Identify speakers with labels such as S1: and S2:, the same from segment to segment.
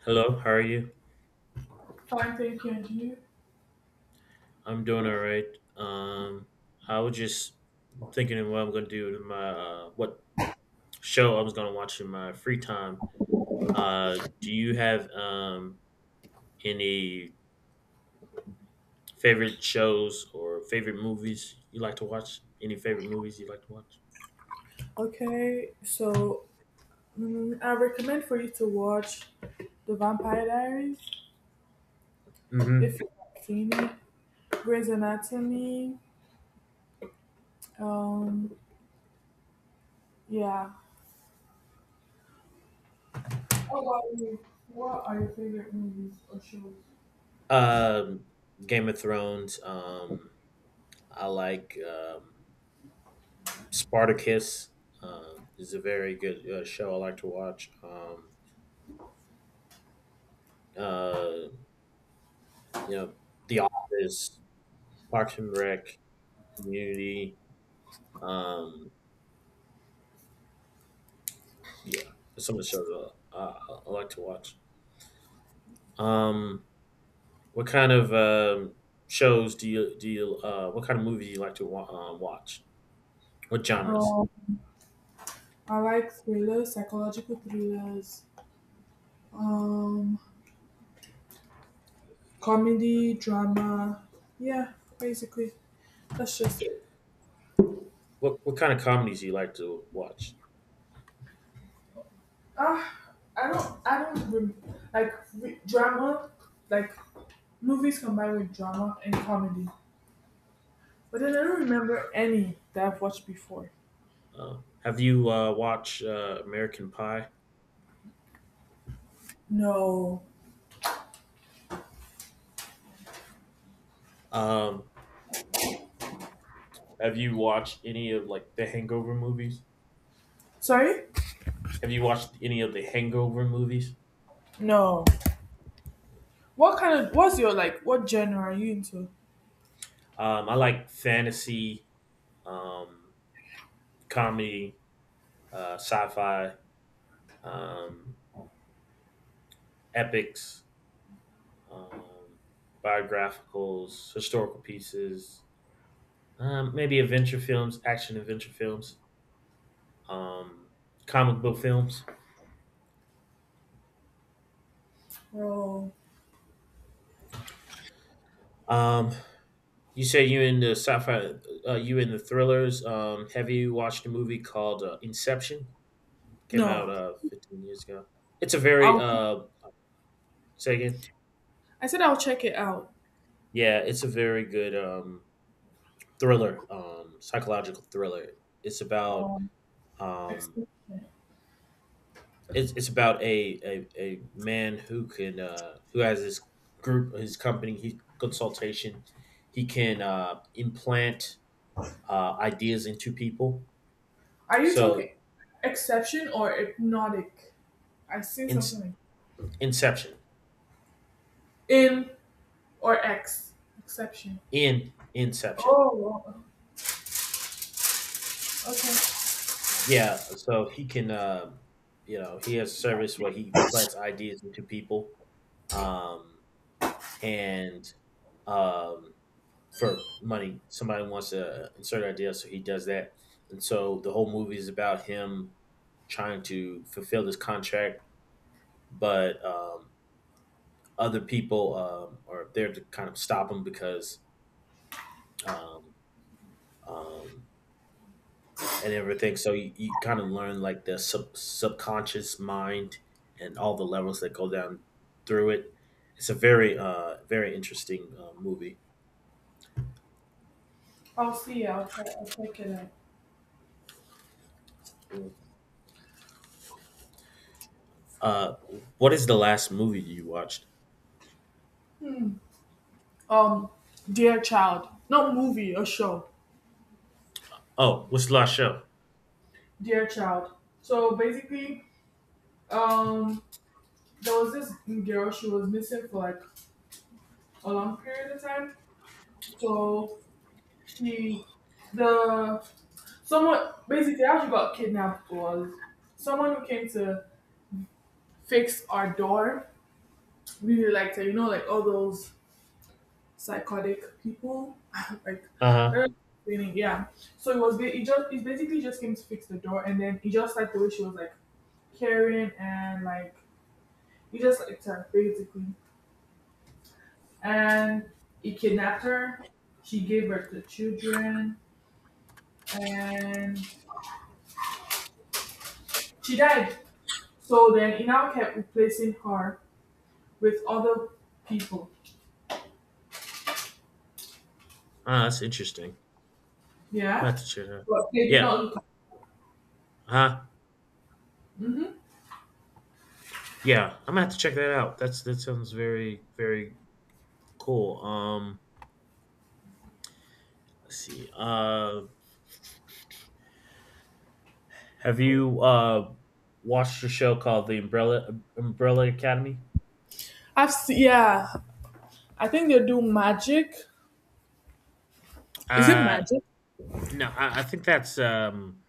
S1: Hello, how are you?
S2: Fine, thank you, and you?
S1: I'm doing all right. Um, I was just thinking of what I'm gonna do in my what show I was gonna watch in my free time. Do you have any favorite shows or favorite movies you like to watch? Any favorite movies you like to watch?
S2: Okay, so I recommend for you to watch The Vampire Diaries
S1: Mm-hmm.
S2: if you haven't seen it. Grey's Anatomy. Um, yeah. What about you? What are your favorite movies or shows?
S1: Um, Game of Thrones. I like Spartacus. Is a very good show I like to watch. Uh, you know, The Office, Parks and Rec, Community. Um, yeah, there's some of the shows I, I, I like to watch. Um, what kind of shows do you? What kind of movies do you like to watch? What genres?
S2: Um, I like thrillers, psychological thrillers, um, comedy, drama. Yeah, basically, that's just it.
S1: What kind of comedies do you like to watch?
S2: Ah, I don't rem- like re- drama, like movies combine with drama and comedy, but then I don't remember any that I've watched before.
S1: Uh, have you watched American Pie?
S2: No.
S1: Um, have you watched any of like the Hangover movies?
S2: Sorry?
S1: Have you watched any of the Hangover movies?
S2: No. What kind of what's your like what genre are you into?
S1: I like fantasy. Um, Comedy, sci-fi, um, epics, um, biographicals, historical pieces, maybe adventure films, action adventure films, um, comic book films.
S2: Oh
S1: Um, you said you in the sci-fi, you in the thrillers. Have you watched a movie called Inception? Came out
S2: no.
S1: 15 years ago. It's a very
S2: I'll
S1: say again.
S2: I said I'll check it out.
S1: Yeah, it's a very good thriller, psychological thriller. It's about
S2: Um
S1: Um,
S2: exception.
S1: it's about a man who can who has this group, his company, his consultation. He can implant ideas into people.
S2: Are you
S1: So
S2: talking exception or hypnotic? I seen
S1: in,
S2: something like
S1: Inception,
S2: in or ex exception.
S1: in Inception,
S2: Oh wow, okay.
S1: yeah. So he can, he has a service where he implants ideas into people, um, and um, for money. Somebody wants to insert an idea, so he does that. And so the whole movie is about him trying to fulfill this contract, but other people are there to kind of stop him because um, um, and everything. So you kind of learn like the subconscious mind and all the levels that go down through it. It's a very, very interesting movie.
S2: I'll see. I'll check it out.
S1: Uh, what is the last movie you watched?
S2: Hmm. um Dear child, not movie, a show.
S1: Oh, what's the last show?
S2: Dear child. So basically, um there was this girl, she was missing for like a long period of time. So she the someone, basically how she got kidnapped was someone who came to fix our door really liked her, you know, like all those psychotic people like
S1: Uh
S2: I
S1: huh.
S2: don't know, explaining, yeah, so it just it basically just came to fix the door, and then he just like the way she was like caring and like you just liked her basically. And he kidnapped her. She gave birth to children and she died. So then he now kept replacing her with other people.
S1: Ah, that's interesting. I have
S2: Yeah.
S1: to check that.
S2: But they did
S1: Yeah.
S2: not look.
S1: Huh.
S2: hmm
S1: Yeah. I'm gonna have to check that out. That sounds very very cool. Let's see. Have you watched a show called The Umbrella Academy?
S2: I've seen, yeah. I think they do magic. Is it
S1: Uh.
S2: magic?
S1: No. I think that's.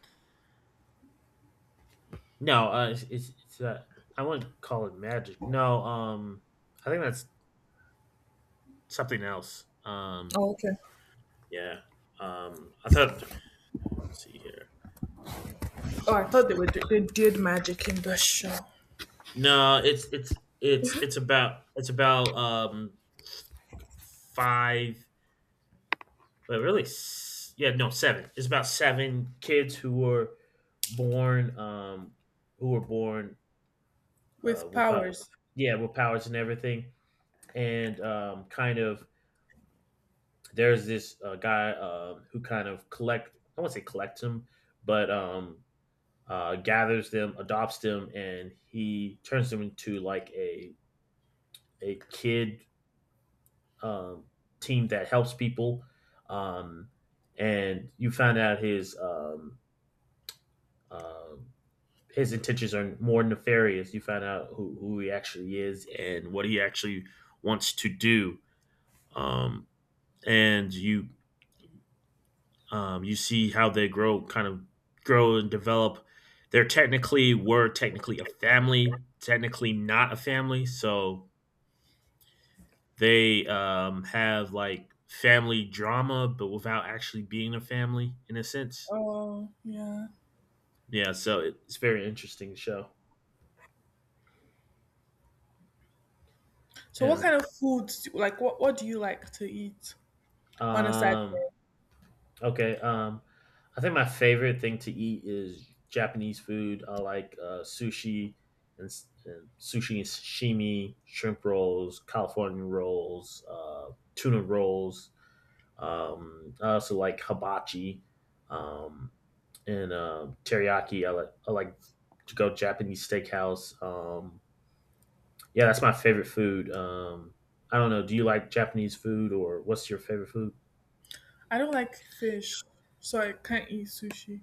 S1: No. It's I wouldn't call it magic. No. I think that's something else.
S2: Oh, okay.
S1: Yeah. I thought. Let's see here.
S2: Oh, I thought they were they did magic in the show
S1: No, it's about it's about five, but really, yeah, no, seven. It's about seven kids born um who were born
S2: with
S1: without
S2: powers.
S1: yeah with powers and everything, and kind of there's this guy who kind of collect I won't say collects them, but gathers them, adopts them, and he turns them into like a kid um, team that helps people. Um, and you find out um his intentions are more nefarious. You find out who he actually is and what he actually wants to do. Um, and you you see how they grow, kind of grow and develop. They're technically were technically a family, technically not a family. So they, have, like, family drama, but without actually being a family in a sense.
S2: Oh, yeah.
S1: Yeah, so it's very interesting show.
S2: So what
S1: And,
S2: kind of foods do, like what do you like to eat on a
S1: um,
S2: Saturday?
S1: okay, I think my favorite thing to eat is Japanese food. I like, sushi and s and sushi and sashimi, shrimp rolls, California rolls, tuna rolls. I also like hibachi. Um and teriyaki. I like to go Japanese steakhouse. Yeah, that's my favorite food. I don't know. Do you like Japanese food or what's your favorite food?
S2: I don't like fish, so I can't eat sushi.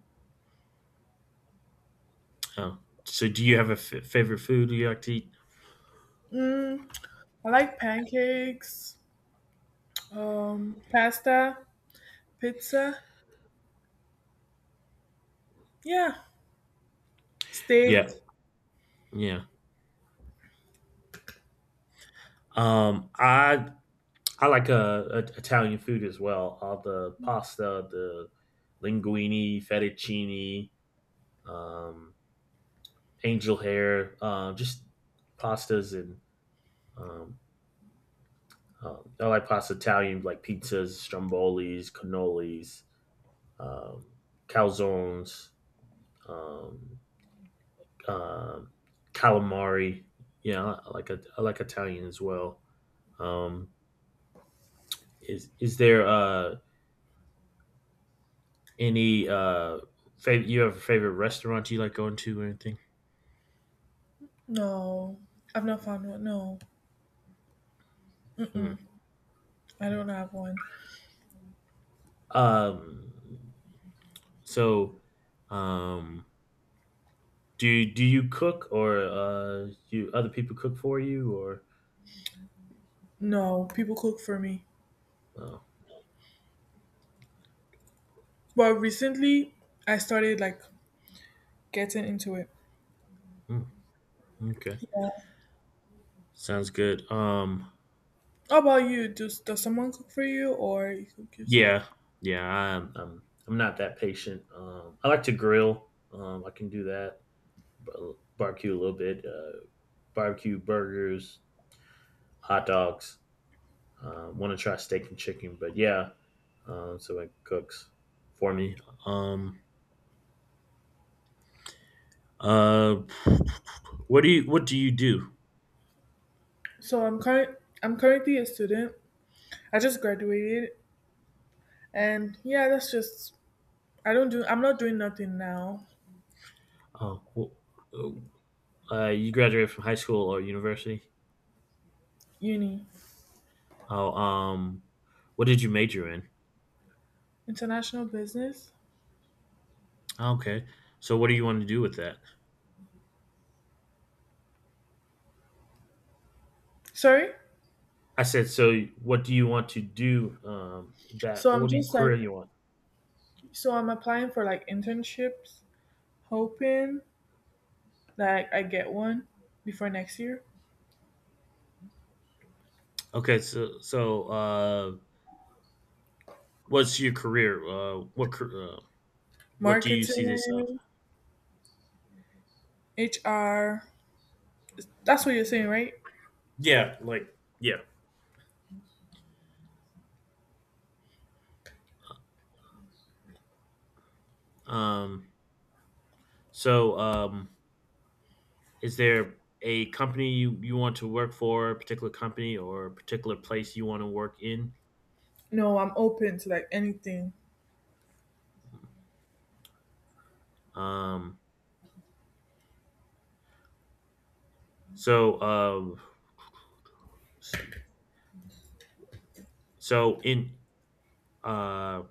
S1: Oh, so do you have a favorite food you like to eat?
S2: Mm, I like pancakes, pasta, pizza. Yeah, steak.
S1: Yeah, yeah. Um, I like Italian food as well. All the pasta, the linguine, fettuccine, um, angel hair, just pastas and um, I like pasta Italian, like pizzas, strombolis, cannolis, um, calzones, um, um calamari. Yeah, I like Italian as well. Um, is there any you have a favorite restaurant you like going to or anything?
S2: No, I've not found one. No,
S1: Hmm.
S2: I don't have one.
S1: Um, so, um, do you cook or you other people cook for you or?
S2: No, people cook for me.
S1: Oh,
S2: But recently, I started like getting into it.
S1: hmm, okay.
S2: Yeah.
S1: Sounds good.
S2: How about you? Does someone cook for you, or you cook yourself?
S1: Yeah, yeah, I'm not that patient. I like to grill. I can do that. Barbecue a little bit. Barbecue burgers, hot dogs. Want to try steak and chicken, but yeah. So it cooks for me. Um, uh, what do you do?
S2: So I'm current. I'm currently a student. I just graduated, and yeah, that's just I don't do, I'm not doing nothing now.
S1: Oh, you graduated from high school or university?
S2: Uni.
S1: Oh, what did you major in?
S2: International business.
S1: Okay. So what do you want to do with that?
S2: Sorry?
S1: I said, so what do you want to do that
S2: So I'm
S1: what do you
S2: just like,
S1: career you want?
S2: so I'm applying for like internships, hoping like I get one before next year.
S1: Okay, so what's your career? What do you see this of?
S2: Marketing, HR. That's what you're saying, right?
S1: Yeah, like yeah. Um so um is there a company you want to work for, a particular company or a particular place you want to work in?
S2: No, I'm open to like anything.
S1: Um so um let's see. So in uh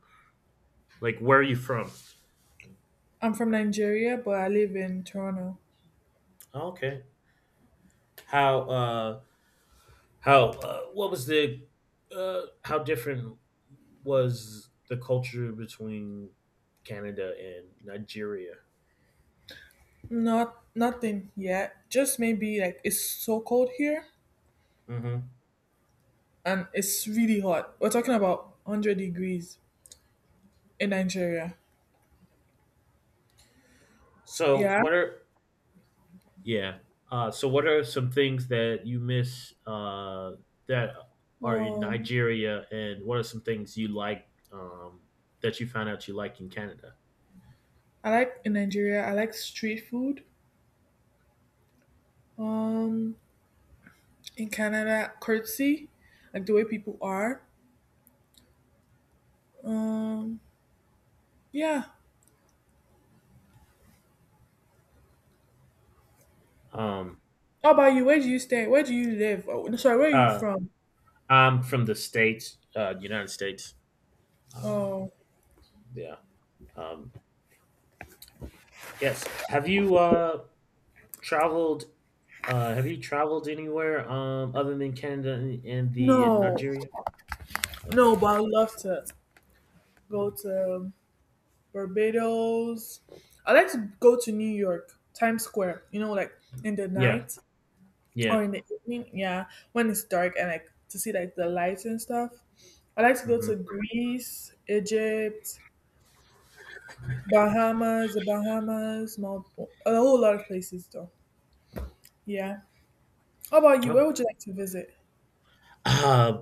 S1: like where are you from?
S2: I'm from Nigeria, but I live in Toronto.
S1: Okay. how uh how, what was the how different was the culture between Canada and Nigeria?
S2: Not nothing yet. Just maybe like it's so cold here,
S1: Hmm.
S2: and it's really hot. We're talking about 100 degrees in Nigeria.
S1: So
S2: Yeah.
S1: what are yeah? So what are some things that you miss that are in
S2: Um,
S1: Nigeria, and what are some things you like that you found out you like in Canada?
S2: I like, in Nigeria, I like street food. Um, in Canada, courtesy, like the way people are. Um, yeah.
S1: Um,
S2: How about you? Where do you stay? Where do you live? Oh, no, sorry, where are you
S1: uh,
S2: from?
S1: I'm from the states, United States. Um,
S2: Oh,
S1: yeah. Um, Yes. Have you traveled have you traveled anywhere other than Canada and the
S2: no,
S1: Nigeria?
S2: no,
S1: Okay.
S2: but I would love to go to Barbados. I like to go to New York, Times Square, you know, like in the
S1: Yeah.
S2: night or
S1: Yeah.
S2: in the evening, yeah, when it's dark and like to see like the lights and stuff. I like to go
S1: Hmm.
S2: to Greece, Egypt, Bahamas, the Bahamas, Maldives, a whole lot of places though. Yeah. How about you? Where
S1: Okay.
S2: would you like to visit?
S1: Uh,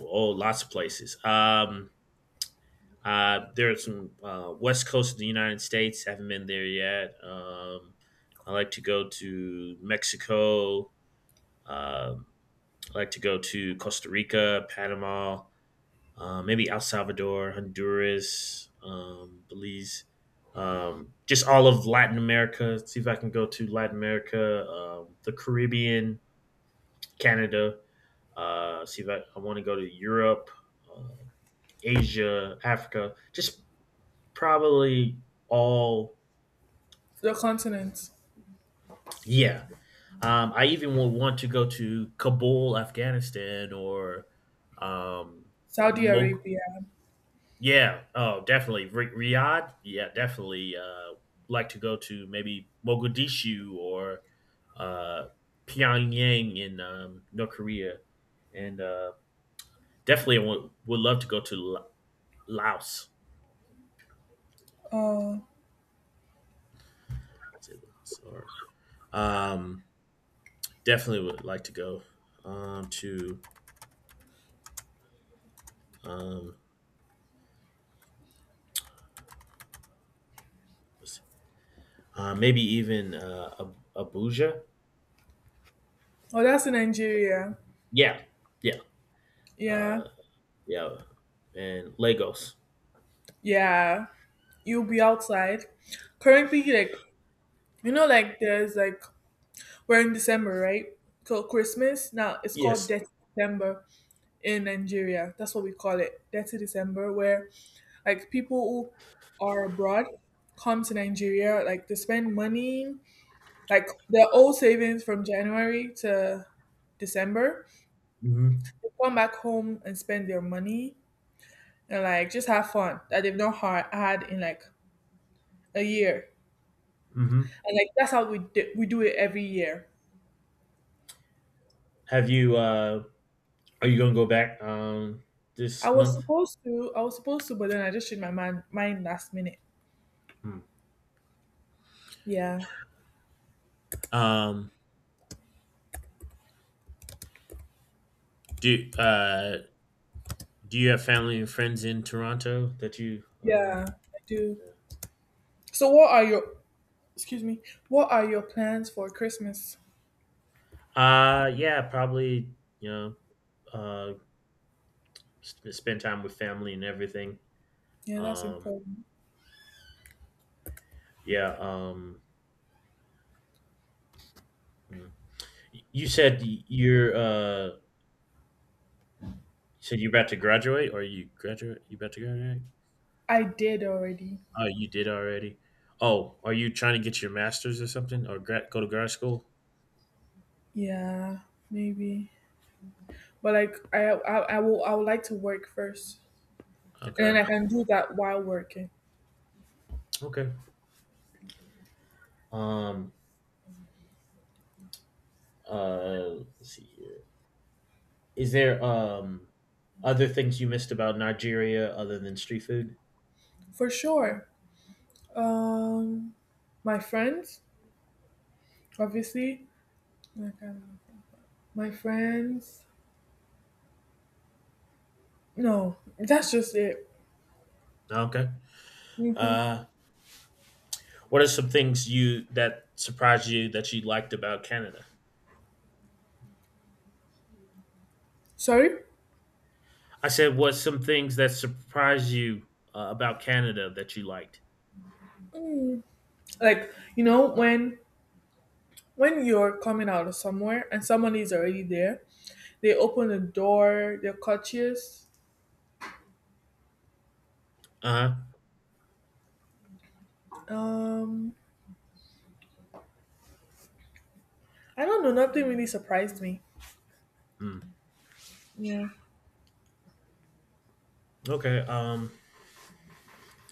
S1: oh, lots of places. There's some West Coast of the United States. Haven't been there yet. I like to go to Mexico. Um, I like to go to Costa Rica, Panama, maybe El Salvador, Honduras, Belize, just all of Latin America. Let's see if I can go to Latin America, the Caribbean, Canada. See if I want to go to Europe, uh, Asia, Africa. Just probably all,
S2: The continent,
S1: yeah. I even would want to go to Kabul, Afghanistan, or um,
S2: Saudi
S1: Mog-
S2: Arabia.
S1: yeah. Oh, definitely. Ri Riyadh? Yeah, definitely, like to go to maybe Mogadishu or, uh, Pyongyang in, North Korea, and, definitely would love to go to Laos.
S2: Oh,
S1: Is it Laos or um, definitely would like to go, um, to, um, what's maybe even, Ab Abuja?
S2: oh, that's in Nigeria.
S1: Yeah. Yeah.
S2: Yeah,
S1: Uh, yeah, and Lagos.
S2: yeah. You'll be outside. Currently, like you know, like there's like we're in December, right? So Christmas, now it's called
S1: Yes.
S2: Death December, in Nigeria. That's what we call it, Dirty December, where like people who are abroad come to Nigeria, like to spend money, like their old savings from January to December.
S1: Mhm.
S2: They come back home and spend their money and like just have fun that they've not had in like a year.
S1: Mhm.
S2: And like that's how we do it every year.
S1: Have you? Are you going to go back
S2: I
S1: this
S2: was
S1: month?
S2: supposed to, I was supposed to, but then I just changed my mind last minute.
S1: Hmm.
S2: Yeah,
S1: Um, do uh, Do you have family and friends in Toronto that you? Uh,
S2: yeah, I do. So, what are your Excuse me. What are your plans for Christmas?
S1: uh yeah, probably. You know, uh, spend time with family and everything.
S2: Yeah, that's
S1: Um,
S2: important.
S1: yeah. Mm. You said you're. Uh, you said you're about to graduate, or you graduate? You about to graduate?
S2: I did already.
S1: Oh, you did already. Oh, are you trying to get your master's or something, or go to grad school?
S2: Yeah, maybe. But like, I would like to work first, and then
S1: Okay.
S2: I can do that while working
S1: Okay. Um. Let's see here. Is there other things you missed about Nigeria other than street food?
S2: for sure. Um, my friends, obviously. Like, my friends. No, that's just it.
S1: Okay.
S2: hmm
S1: Uh. What are some things you that surprised you that you liked about Canada?
S2: Sorry.
S1: I said, what's some things that surprised you about Canada that you liked?
S2: Mm. Like you know when you're coming out of somewhere and someone is already there, they opened the door. They're courteous.
S1: Uh huh.
S2: Um, I don't know. Nothing really surprised me.
S1: Hmm.
S2: Yeah.
S1: Okay.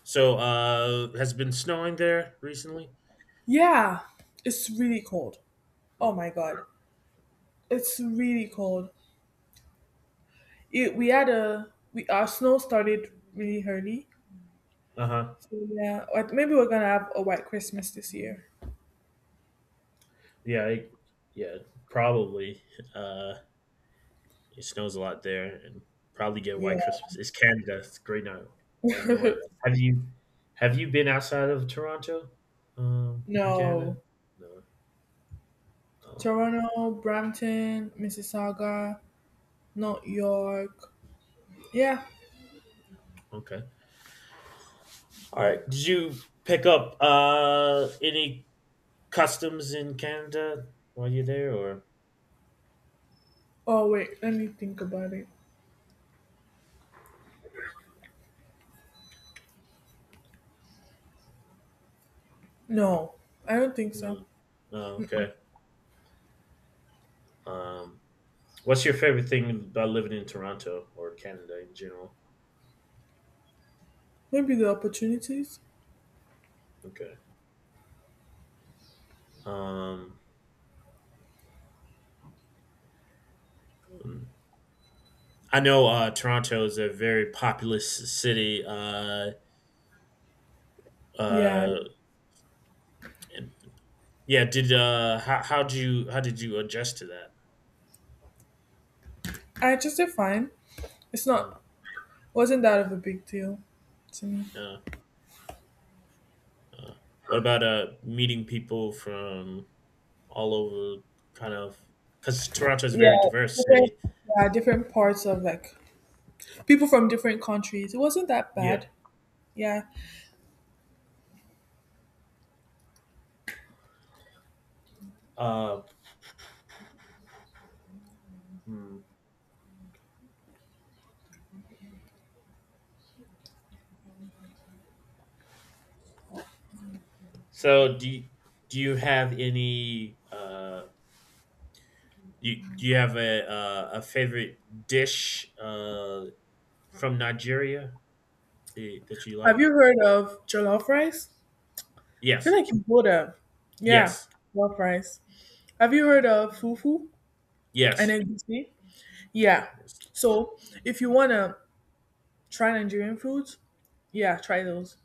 S1: So, has it been snowing there recently?
S2: Yeah, it's really cold. Oh
S1: Uh
S2: my god, it's really cold. We had a we our snow started really early,
S1: huh.
S2: so yeah, I- maybe we're gonna have a white Christmas this year.
S1: Yeah. It, yeah. Probably. Uh. It snows a lot there, and probably get
S2: Yeah,
S1: white Christmas. It's Canada. It's great now. White North. Have you have you been outside of Toronto, in Canada?
S2: no,
S1: No. Oh,
S2: Toronto, Brampton, Mississauga, North York. Yeah.
S1: okay. All right. Did you pick up any customs in Canada while you're there, or
S2: Oh wait, let me think about it. No, I don't think so.
S1: no? No. Okay. Um, what's your favorite thing about living in Toronto or Canada in general?
S2: Maybe the opportunities.
S1: Okay. Um, hmm. I know Toronto is a very populous city.
S2: Yeah,
S1: Uh, and- yeah. Did how how did you adjust to that?
S2: I just did fine. It's
S1: Hmm.
S2: not wasn't that of a big deal to me.
S1: Uh, uh, what about meeting people from all over? Kind of because Toronto is a
S2: Yeah,
S1: very diverse
S2: different,
S1: city.
S2: yeah, different parts of like people from different countries. It wasn't that
S1: Yeah.
S2: bad. Yeah.
S1: Uh, hmm. So do you, do you have any? Do you have a favorite dish from Nigeria eh, that you like?
S2: Have you heard of jollof rice? I feel
S1: Yes.
S2: like you would have. Yeah,
S1: Yes.
S2: jollof rice. Have you heard of fufu and
S1: Yes.
S2: egusi? Yeah.
S1: Yes.
S2: So if you wanna try Nigerian foods, yeah, try those.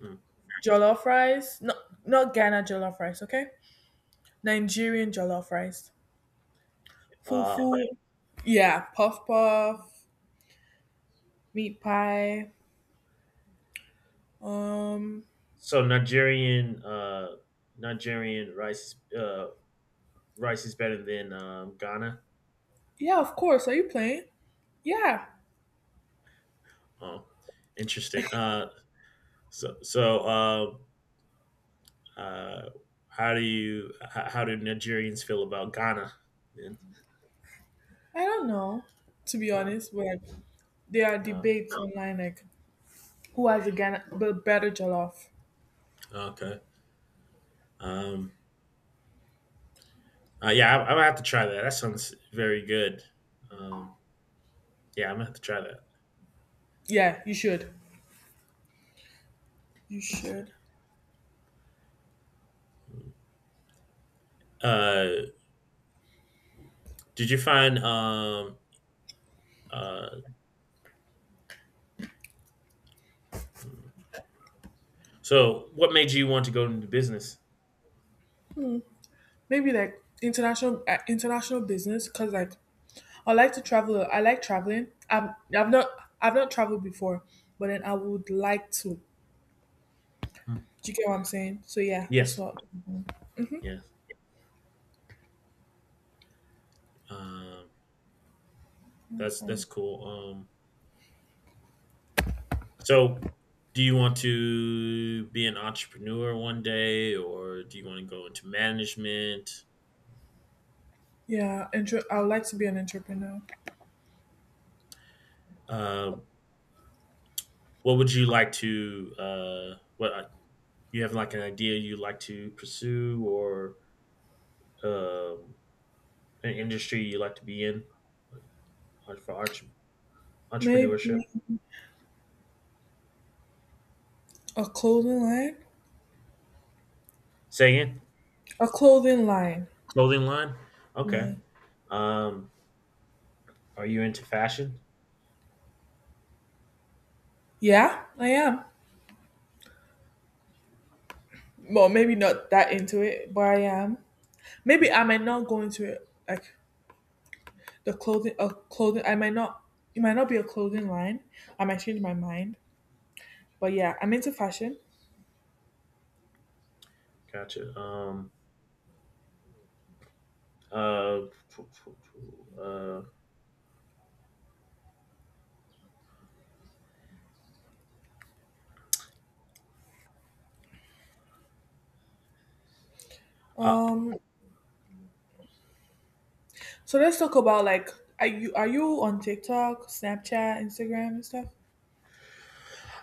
S1: Mm.
S2: Jollof rice, not not Ghana jollof rice, okay? Nigerian jollof rice,
S1: Uh,
S2: fufu, yeah, puff puff, meat pie. Um,
S1: so Nigerian Nigerian rice uh, rice is better than Ghana.
S2: yeah, of course. Are you playing? Yeah,
S1: Oh, interesting. So so uh, uh, how do you how do Nigerians feel about Ghana? Then?
S2: I don't know. To be
S1: Uh,
S2: honest, where there are
S1: uh,
S2: debates online, like who has a Ghana, the better jollof.
S1: okay. Um, yeah, I'm gonna have to try that. That sounds very good. Um, yeah, I'm gonna have to try that.
S2: Yeah, you should. You
S1: See.
S2: should.
S1: Uh, did you find uh, hmm. So, what made you want to go into business?
S2: Maybe like international business, cause like I like to travel. I like traveling. I've not I've not traveled before, but then I would like to.
S1: Hmm.
S2: Do you get what I'm saying? So yeah, that's
S1: Yes,
S2: what.
S1: yeah, um, that's
S2: Um,
S1: cool. So, do you want to be an entrepreneur one day, or do you want to go into management?
S2: yeah, I would like to be an entrepreneur.
S1: Uh, what would you like to? What You have like an idea you like to pursue, or um, an industry you like to be in for
S2: Maybe
S1: entrepreneurship?
S2: a clothing line.
S1: Say again,
S2: A clothing line.
S1: clothing line. Okay.
S2: Yeah.
S1: Um, Are you into fashion?
S2: Yeah, I am. Well, maybe not that into it, but I am. Maybe I might not go into it like the clothing. A clothing. I might not. It might not be a clothing line. I might change my mind. But yeah, I'm into fashion.
S1: Gotcha. Uh. Uh. I
S2: Um. So let's talk about like, are you on TikTok, Snapchat, Instagram, and stuff?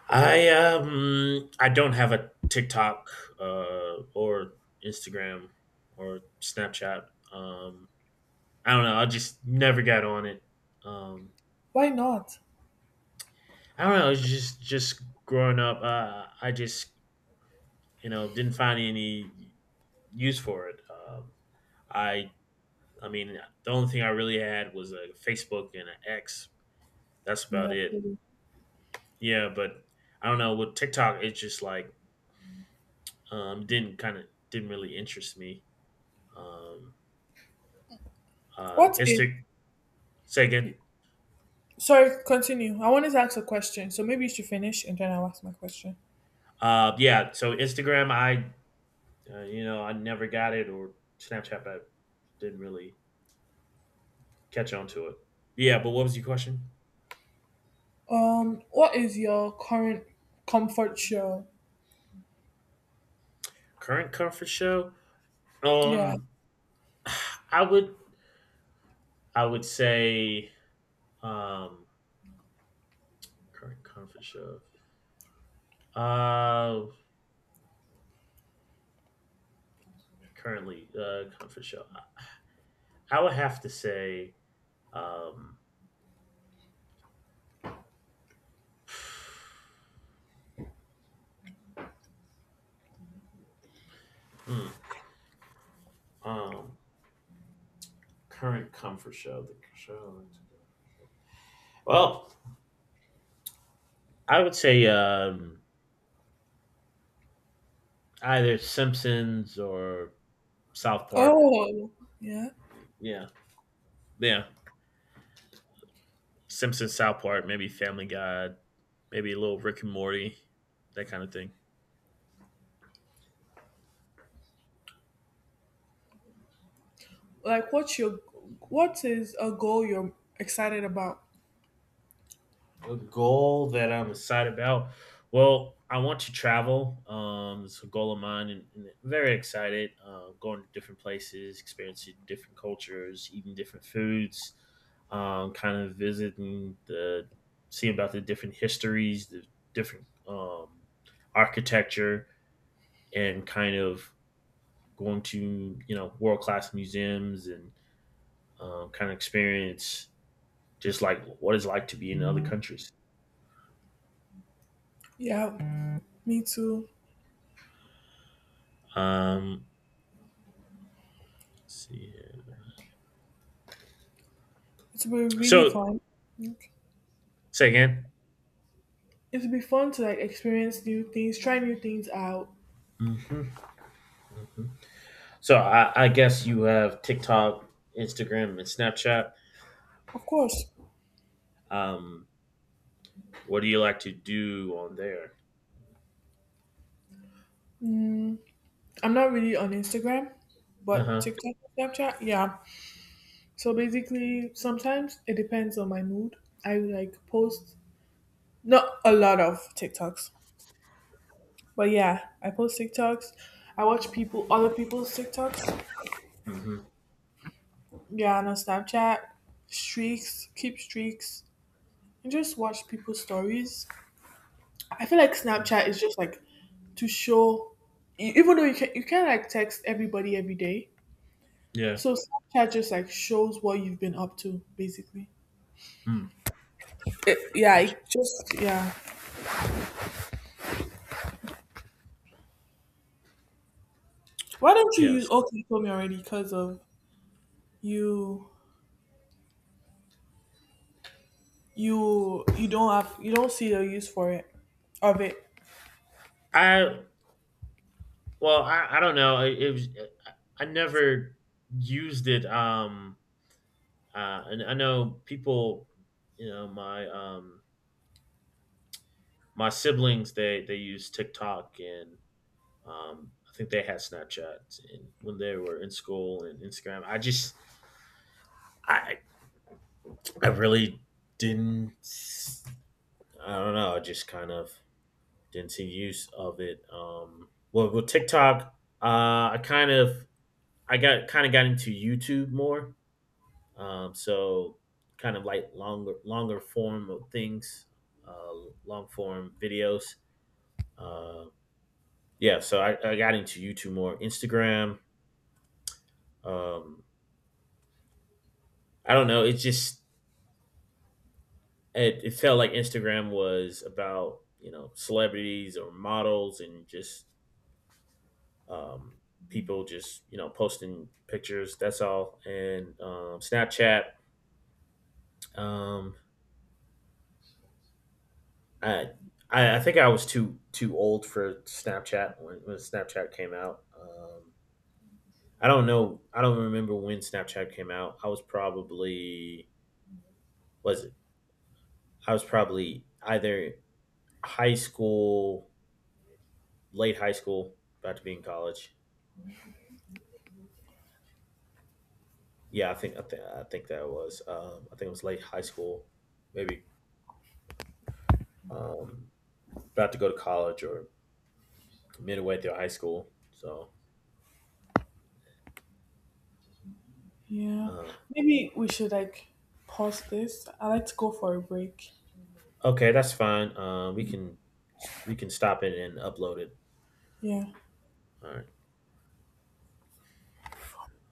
S1: I don't have a TikTok, or Instagram, or Snapchat. Um. I don't know. I just never got on it. Um.
S2: Why not?
S1: I don't know. It's just growing up. I just didn't find any use for it. I. I mean, the only thing I really had was a Facebook and an X. That's about
S2: Yeah.
S1: it. Yeah, but I don't know with TikTok. It's just like didn't kind of didn't really interest me. Um,
S2: What is
S1: Insta, say again.
S2: Sorry, continue. I wanted to ask a question, so maybe you should finish and then I'll ask my question.
S1: Yeah, so Instagram, I I never got it, or Snapchat, I didn't really catch on to it. Yeah, but what was your question?
S2: What is your current comfort show?
S1: Current comfort show?
S2: Yeah.
S1: Um, I would I would say um current comfort show. Uh, currently uh comfort show. I would have to say um Hmm. Um, current comfort show. The show. Well, I would say either Simpsons or South Park.
S2: Oh, yeah.
S1: Yeah. Yeah, Simpsons, South Park, maybe Family Guy, maybe a little Rick and Morty, that kind of thing.
S2: Like, what's your, what is a goal you're excited about?
S1: A goal that I'm excited about. Well, I want to travel. It's a goal of mine, and I'm very excited. Going to different places, experiencing different cultures, eating different foods, kind of visiting the, seeing about the different histories, the different architecture, and kind of going to world class museums and kind of experience just like what it's like to be in other countries.
S2: Yeah, me too.
S1: Um, let's see here.
S2: It's been really
S1: So,
S2: fun.
S1: say again.
S2: It'll be fun to like experience new things, try new things out.
S1: Mm-hmm, mm-hmm. So, I guess you have TikTok, Instagram, and Snapchat.
S2: Of course,
S1: Um, what do you like to do on there?
S2: I'm not really on Instagram,
S1: Uh
S2: but
S1: huh.
S2: TikTok, Snapchat, yeah. So basically, sometimes it depends on my mood. I like post not a lot of TikToks, but yeah, I post TikToks. I watch people, other people's TikToks.
S1: Mm-hmm.
S2: Yeah, and on Snapchat, streaks, keep streaks, and just watch people's stories. I feel like
S1: Mm-hmm.
S2: Snapchat is just like to show, e- even though you can't like text everybody every day.
S1: Yeah.
S2: So Snapchat just like shows what you've been up to, basically.
S1: Mm.
S2: It, yeah,
S1: Int-
S2: it just yeah. Why don't you use
S1: Yes.
S2: okay, you told me already because of you you don't have you don't see a use for it of it.
S1: I Well, I don't know. It was I never used it. And I know people, you know, my my siblings, they use TikTok and I think they had Snapchat and when they were in school and Instagram. I just I I really didn't. I don't know. I just kind of didn't see use of it. Well, with TikTok, I kind of I got got into YouTube more. So kind of like longer form of things, uh, long form videos. Uh, yeah, so I got into YouTube more. Instagram. Um, I don't know. It just it felt like Instagram was about celebrities or models and just um, people just posting pictures. That's all. And Snapchat, um, I, I think I was too old for Snapchat when Snapchat came out. I don't know. I don't remember when Snapchat came out. I was probably was it? I was probably either high school, late high school, about to be in college. Yeah, I think that was I think it was late high school, maybe um, about to go to college or midway through high school. So
S2: Yeah.
S1: uh,
S2: Maybe we should like pause this. I like to go for a break.
S1: okay, that's fine. We can stop it and upload it.
S2: Yeah.
S1: All right.